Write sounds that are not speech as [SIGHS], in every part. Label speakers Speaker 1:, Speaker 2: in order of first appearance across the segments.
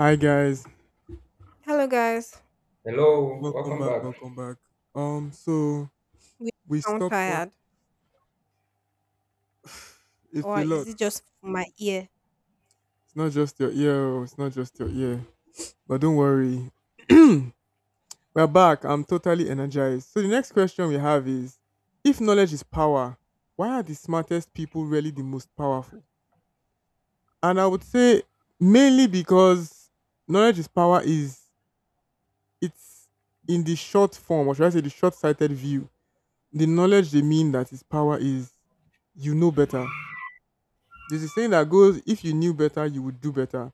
Speaker 1: Hi guys,
Speaker 2: Hello, guys.
Speaker 3: Hello,
Speaker 1: welcome
Speaker 3: welcome
Speaker 1: back,
Speaker 3: back.
Speaker 1: welcome back. So
Speaker 2: We
Speaker 1: we
Speaker 2: sound
Speaker 1: stopped off.
Speaker 2: tired,
Speaker 1: [SIGHS] It's
Speaker 2: or
Speaker 1: a
Speaker 2: is
Speaker 1: lot.
Speaker 2: it just my ear?
Speaker 1: It's not just your ear. Oh, it's not just your ear. But don't worry, [CLEARS THROAT] we're back. I'm totally energized. So the next question we have is: if knowledge is power, why are the smartest people really the most powerful? And I would say mainly because knowledge is power is it's in the short form, or should I say, the short-sighted view, the knowledge they mean, that its power is, you know better. There's a saying that goes, if you knew better, you would do better.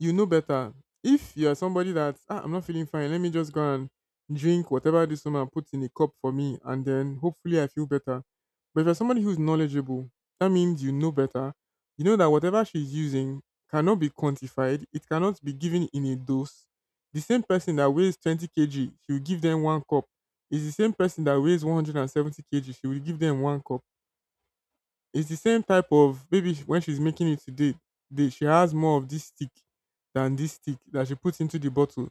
Speaker 1: You know better. If you are somebody that, I'm not feeling fine, let me just go and drink whatever this woman puts in a cup for me, and then hopefully I feel better. But if you're somebody who's knowledgeable, that means you know better. You know that whatever she's using cannot be quantified. It cannot be given in a dose. The same person that weighs 20 kg, she will give them one cup. It's the same person that weighs 170 kg, she will give them one cup. It's the same type of maybe, when she's making it today, she has more of this stick than this stick that she puts into the bottle.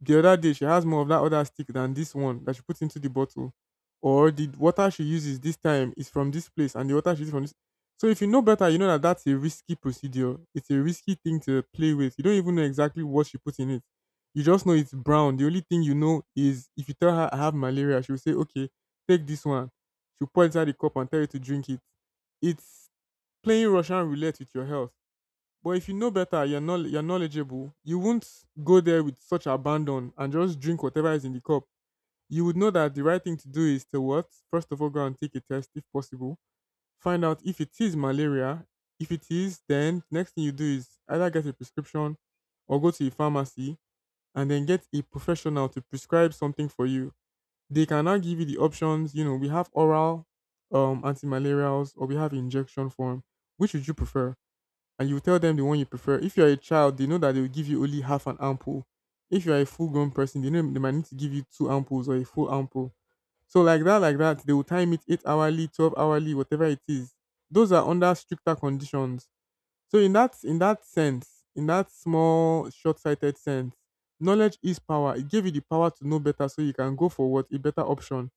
Speaker 1: The other day, she has more of that other stick than this one that she puts into the bottle, or the water she uses this time is from this place, and the water she uses from this. So if you know better, you know that that's a risky procedure. It's a risky thing to play with. You don't even know exactly what she puts in it. You just know it's brown. The only thing you know is, if you tell her I have malaria, she'll say, okay, take this one. She'll pour it inside the cup and tell you to drink it. It's playing Russian roulette with your health. But if you know better, you're not, you're knowledgeable, you won't go there with such abandon and just drink whatever is in the cup. You would know that the right thing to do is to what? First of all, go and take a test if possible. Find out if it is malaria. If it is, then next thing you do is either get a prescription or go to a pharmacy and then get a professional to prescribe something for you. They can now give you the options, we have oral anti-malarials, or we have injection form. Which would you prefer? And you tell them the one you prefer. If you're a child, they know that they will give you only half an ampoule. If you're a full grown person, they know they might need to give you two ampoules or a full ampoule. So like that, they will time it eight hourly, 12 hourly, whatever it is. Those are under stricter conditions. So in that sense, in that small, short sighted sense, knowledge is power. It gave you the power to know better, so you can go for, what, a better option.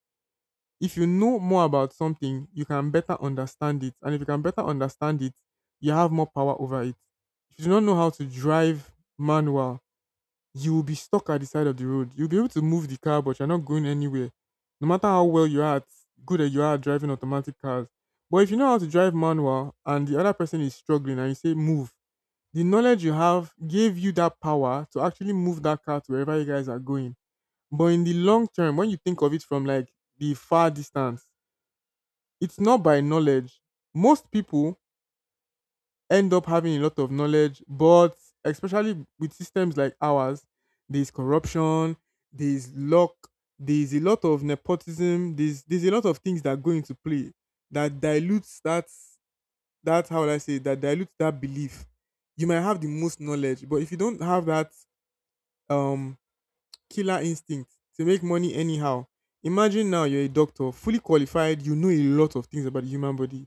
Speaker 1: If you know more about something, you can better understand it. And if you can better understand it, you have more power over it. If you do not know how to drive manual, you will be stuck at the side of the road. You'll be able to move the car, but you're not going anywhere. No matter how well you are at, good that you are at driving automatic cars. But if you know how to drive manual and the other person is struggling and you say move, the knowledge you have gave you that power to actually move that car to wherever you guys are going. But in the long term, when you think of it from like the far distance, it's not by knowledge. Most people end up having a lot of knowledge, but especially with systems like ours, there's corruption, there's luck, there's a lot of nepotism, there's a lot of things that go into play that dilutes that, how would I say, that dilutes that belief. You might have the most knowledge, but if you don't have that um killer instinct to make money anyhow. Imagine now, you're a doctor, fully qualified, you know a lot of things about the human body.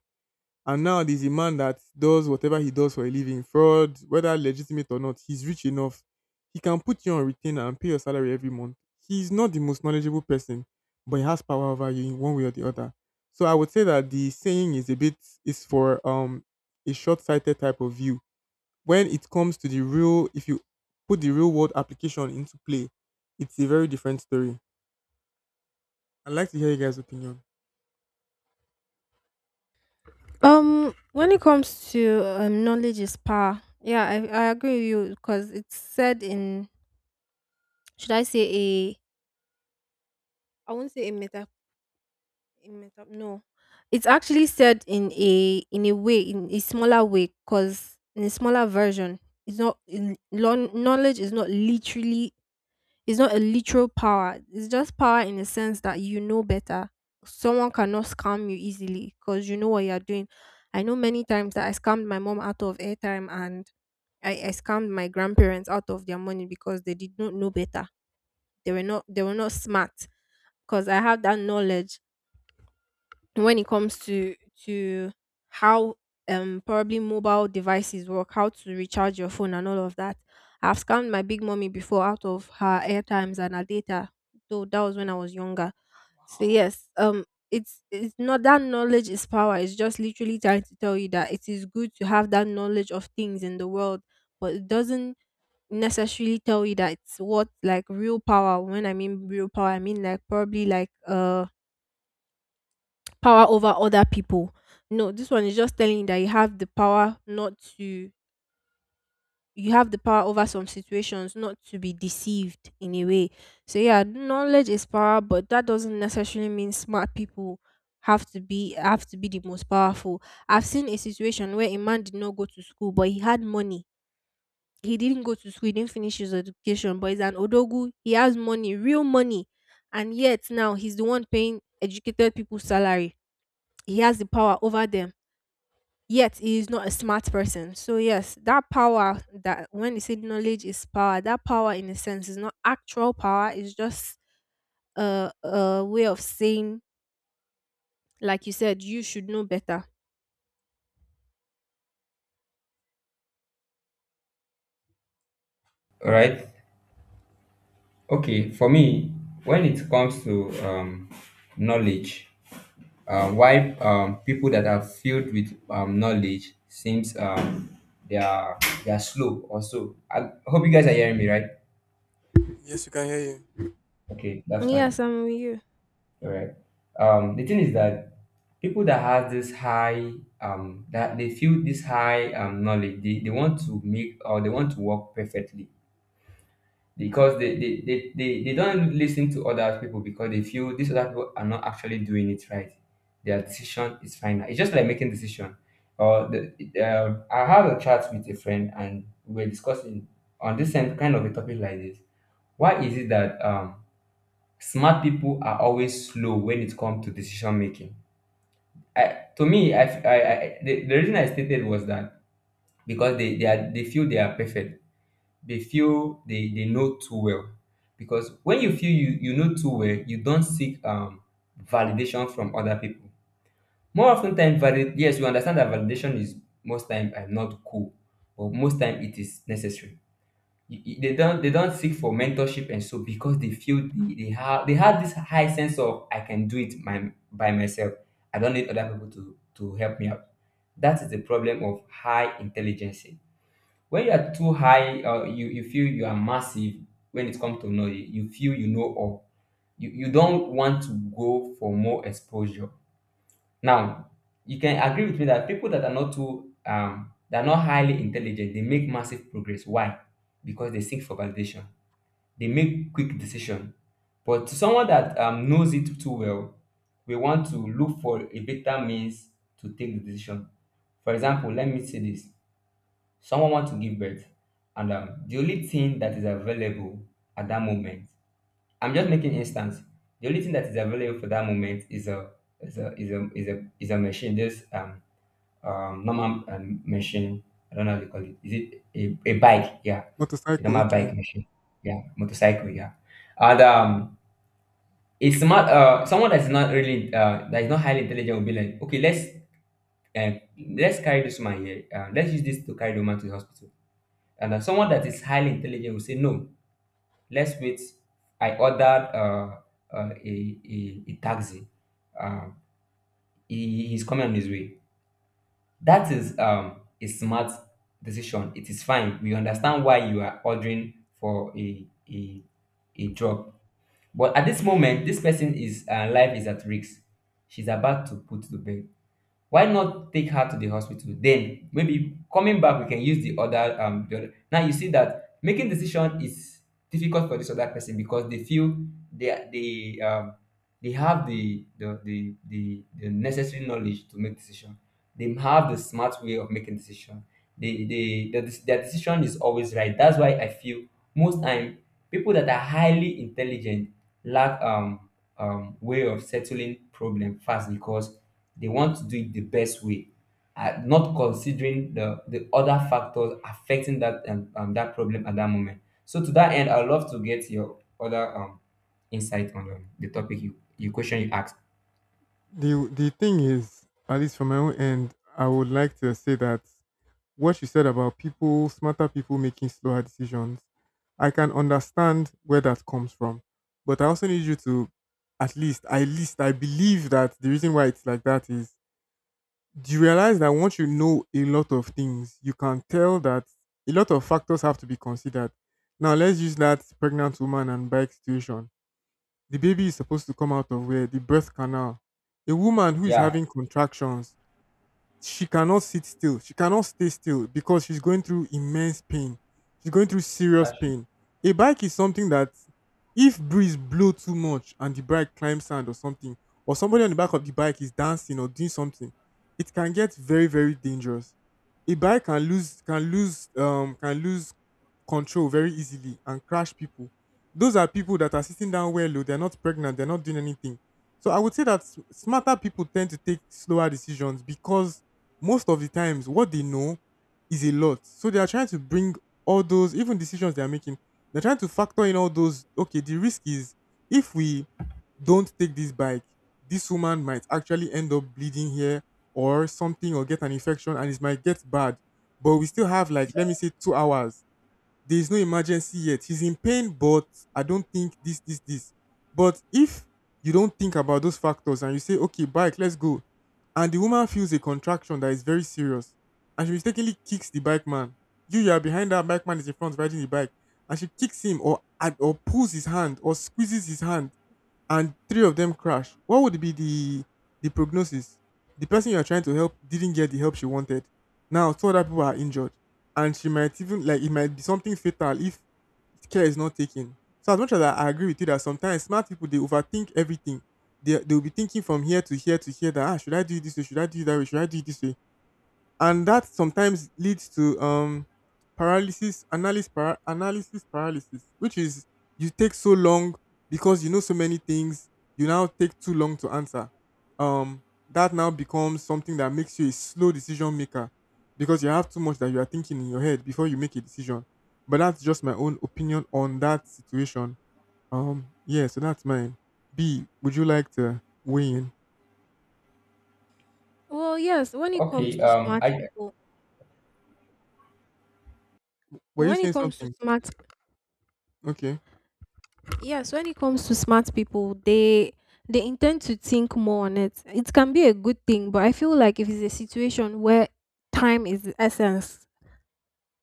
Speaker 1: And now there's a man that does whatever he does for a living, fraud, whether legitimate or not, he's rich enough. He can put you on retainer and pay your salary every month. He's not the most knowledgeable person, but he has power over you in one way or the other. So I would say that the saying is a bit, is for a short-sighted type of view. When it comes to the real, if you put the real world application into play, it's a very different story. I'd like to hear you guys' opinion.
Speaker 2: When it comes to knowledge is power. Yeah, I agree with you because it's said in, should I say, a— I won't say a meta no, it's actually said in a way, in a smaller way, because in a smaller version it's not in, knowledge is not literally— it's not a literal power. It's just power in the sense that you know better. Someone cannot scam you easily because you know what you're doing. I know many times that I scammed my mom out of airtime, and I scammed my grandparents out of their money because they did not know better. They were not— they were not smart because I have that knowledge when it comes to— to how probably mobile devices work, how to recharge your phone and all of that. I've scammed my big mommy before out of her airtimes and her data, though that was when I was younger. So yes, it's— not that knowledge is power. It's just literally trying to tell you that it is good to have that knowledge of things in the world, but it doesn't necessarily tell you that it's what, like, real power. When I mean real power, I mean like probably like power over other people. No, this one is just telling you that you have the power not to— you have the power over some situations not to be deceived in a way. So yeah, knowledge is power, but that doesn't necessarily mean smart people have to be— have to be the most powerful. I've seen a situation where a man did not go to school but he had money. He didn't go to school, he didn't finish his education, but he's an odogu. He has money, real money. And yet now he's the one paying educated people's salary. He has the power over them, yet he is not a smart person. So yes, that power, that— when they say knowledge is power, that power in a sense is not actual power. It's just a way of saying, like you said, you should know better.
Speaker 3: All right. Okay, for me, when it comes to knowledge, why people that are filled with knowledge seems they are they are slow or so. I hope you guys are hearing me, right?
Speaker 1: Yes, we can hear you.
Speaker 3: Okay, that's fine.
Speaker 2: Yes, I'm with you.
Speaker 3: All right. The thing is that people that have this high that they feel this high knowledge, they want to make or they want to work perfectly because they don't listen to other people because they feel these other people are not actually doing it right. Their decision is final. It's just like making decision. Or I had a chat with a friend and we were discussing on this same kind of a topic like this. Why is it that smart people are always slow when it comes to decision making? I, to me, I the reason I stated was that because they feel they are perfect, they feel they know too well. Because when you feel you know too well, you don't seek validation from other people. More often time, yes, you understand that validation is most time not cool, but most time it is necessary. They don't seek for mentorship and so because they feel they have this high sense of I can do it by myself. I don't need other people to help me out. That is the problem of high intelligence when you are too high or you feel you are massive when it comes to knowledge, you feel you know all, you don't want to go for more exposure now. You can agree with me that people that are not too they're not highly intelligent they make massive progress. Why? Because they seek for validation, they make quick decision, but to someone that knows it too well, we want to look for a better means to take the decision. For example, let me say this, someone want to give birth, and the only thing that is available at that moment, I'm just making instance, the only thing that is available for that moment is a is a machine, just normal machine. I don't know how they call it. Is it a bike? Yeah, a
Speaker 1: Motorcycle,
Speaker 3: normal
Speaker 1: okay.
Speaker 3: bike machine. Yeah, motorcycle. Yeah. and it's not someone that's not really that is not highly intelligent will be like, okay, uh, let's carry this man here, let's use this to carry the woman to the hospital. And someone that is highly intelligent will say, no, let's wait. I ordered uh, a taxi. Um, he, he's coming on his way. That is a smart decision. It is fine. We understand why you are ordering for a, a job. But at this moment, this person is life is at risk. She's about to put to bed. Why not take her to the hospital, then maybe coming back we can use the other the other. Now you see that making decision is difficult for this other person because they feel they are- they um they have the necessary knowledge to make decision. They have the smart way of making decision. They they the their decision is always right. That's why I feel most time people that are highly intelligent lack way of settling problem fast because they want to do it the best way, not considering the other factors affecting that that problem at that moment. So to that end, I'd love to get your other insight on the topic you, you question you asked.
Speaker 1: The thing is, at least from my own end, I would like to say that what you said about people, smarter people making slower decisions, I can understand where that comes from. But I also need you to, at least, I believe that the reason why it's like that is, do you realize that once you know a lot of things, you can tell that a lot of factors have to be considered. Now let's use that pregnant woman and bike situation. The baby is supposed to come out of where? The birth canal. A woman who is
Speaker 3: Yeah,
Speaker 1: having contractions, she cannot sit still. She cannot stay still because she's going through immense pain. She's going through serious
Speaker 3: that's true.
Speaker 1: pain. A bike is something that if breeze blow too much and the bike climbs sand or something, or somebody on the back of the bike is dancing or doing something, it can get very, very dangerous. A bike can lose control very easily and crash people. Those are people that are sitting down well low, they're not pregnant, they're not doing anything. So I would say that smarter people tend to take slower decisions because most of the times what they know is a lot. So they are trying to bring all those even decisions they are making. They're trying to factor in all those. Okay, the risk is, if we don't take this bike, this woman might actually end up bleeding here or something or get an infection and it might get bad. But we still have, like, let me say 2 hours. There is no emergency yet. He's in pain, but I don't think this. But if you don't think about those factors and you say, okay, bike, let's go, and the woman feels a contraction that is very serious, and she mistakenly kicks the bike man, you are behind, that bike man is in front riding the bike, and she kicks him or or pulls his hand or squeezes his hand, and three of them crash, what would be the prognosis? The person you are trying to help didn't get the help she wanted. Now two other people are injured, and she might even, like, it might be something fatal if care is not taken. So as much as I agree with you that sometimes smart people, they overthink everything. They will be thinking from here to here to here, that, should I do it this way? Should I do it that way? Should I do it this way? And that sometimes leads to analysis paralysis, which is, you take so long because you know so many things, you now take too long to answer, um that now becomes something that makes you a slow decision maker because you have too much that you are thinking in your head before you make a decision. But that's just my own opinion on that situation. Yeah, so that's mine. B, would you like to weigh in?
Speaker 2: Well, yes, when it comes
Speaker 3: Okay.
Speaker 2: to smart
Speaker 3: I
Speaker 2: people,
Speaker 1: Were you
Speaker 2: when it
Speaker 1: saying
Speaker 2: comes to
Speaker 1: something?
Speaker 2: smart
Speaker 1: Okay.
Speaker 2: yes, when it comes to smart people, they intend to think more on it. It can be a good thing, but I feel like if it's a situation where time is the essence,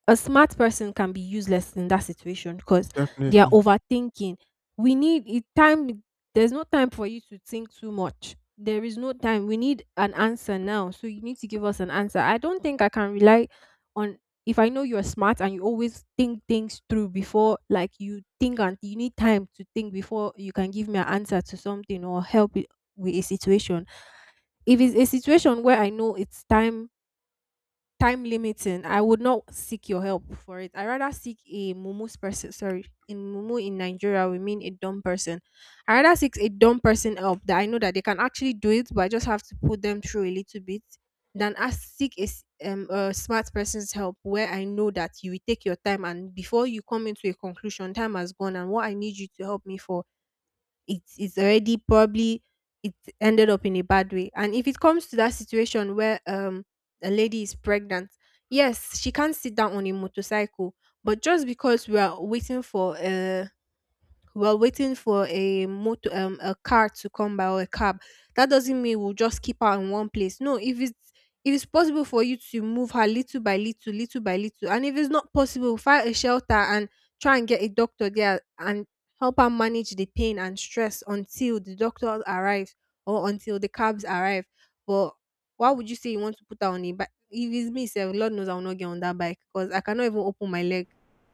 Speaker 2: a smart person can be useless in that situation because they are
Speaker 1: definitely
Speaker 2: overthinking. We need it time. There's no time for you to think too much. There is no time. We need an answer now. So you need to give us an answer. I don't think I can rely on— if I know you're smart and you always think things through before, like, you think and you need time to think before you can give me an answer to something or help it with a situation. If it's a situation where I know it's time limiting, I would not seek your help for it. I rather seek a mumus person. Sorry, in mumu in Nigeria, we mean a dumb person. I rather seek a dumb person help that I know that they can actually do it, but I just have to put them through a little bit, than ask— seek a a smart person's help, where I know that you will take your time, and before you come into a conclusion, time has gone and what I need you to help me for, it's— it's already probably— it ended up in a bad way. And if it comes to that situation where a lady is pregnant, yes, she can't sit down on a motorcycle, but just because we are waiting for we're waiting for a motor a car to come by or a cab, that doesn't mean we'll just keep her in one place. No, if it's— if it's possible for you to move her little by little, little by little, and if it's not possible, find a shelter and try and get a doctor there, and help her manage the pain and stress until the doctor arrives or until the cabs arrive. But why would you say you want to put her on a bike? If it's me sef, Lord knows I will not get on that bike, because I cannot even open my leg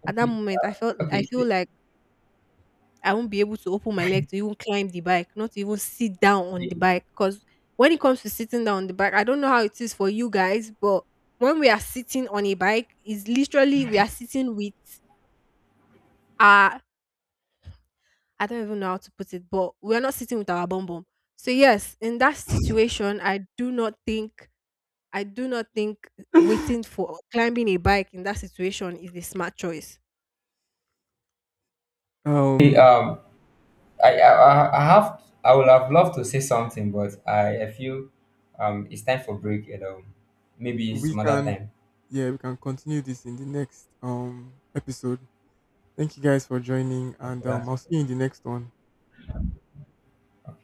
Speaker 2: at that
Speaker 3: okay.
Speaker 2: moment. I felt— I
Speaker 3: Okay.
Speaker 2: feel like I won't be able to open my leg to even climb the bike, not to even sit down on
Speaker 3: Say,
Speaker 2: the bike. Because when it comes to sitting down on the bike, I don't know how it is for you guys, but when we are sitting on a bike, is literally we are sitting with our— I don't even know how to put it, but we are not sitting with our bum bum. So yes, in that situation, I do not think— I do not think waiting for climbing a bike in that situation is a smart choice.
Speaker 3: say,
Speaker 1: um
Speaker 3: um. I would have loved to say something, but I feel it's time for break and maybe
Speaker 1: we
Speaker 3: some other
Speaker 1: can.
Speaker 3: time.
Speaker 1: Yeah, we can continue this in the next episode. Thank you guys for joining, and
Speaker 3: Okay.
Speaker 1: I'll
Speaker 3: That's
Speaker 1: see you in the next one.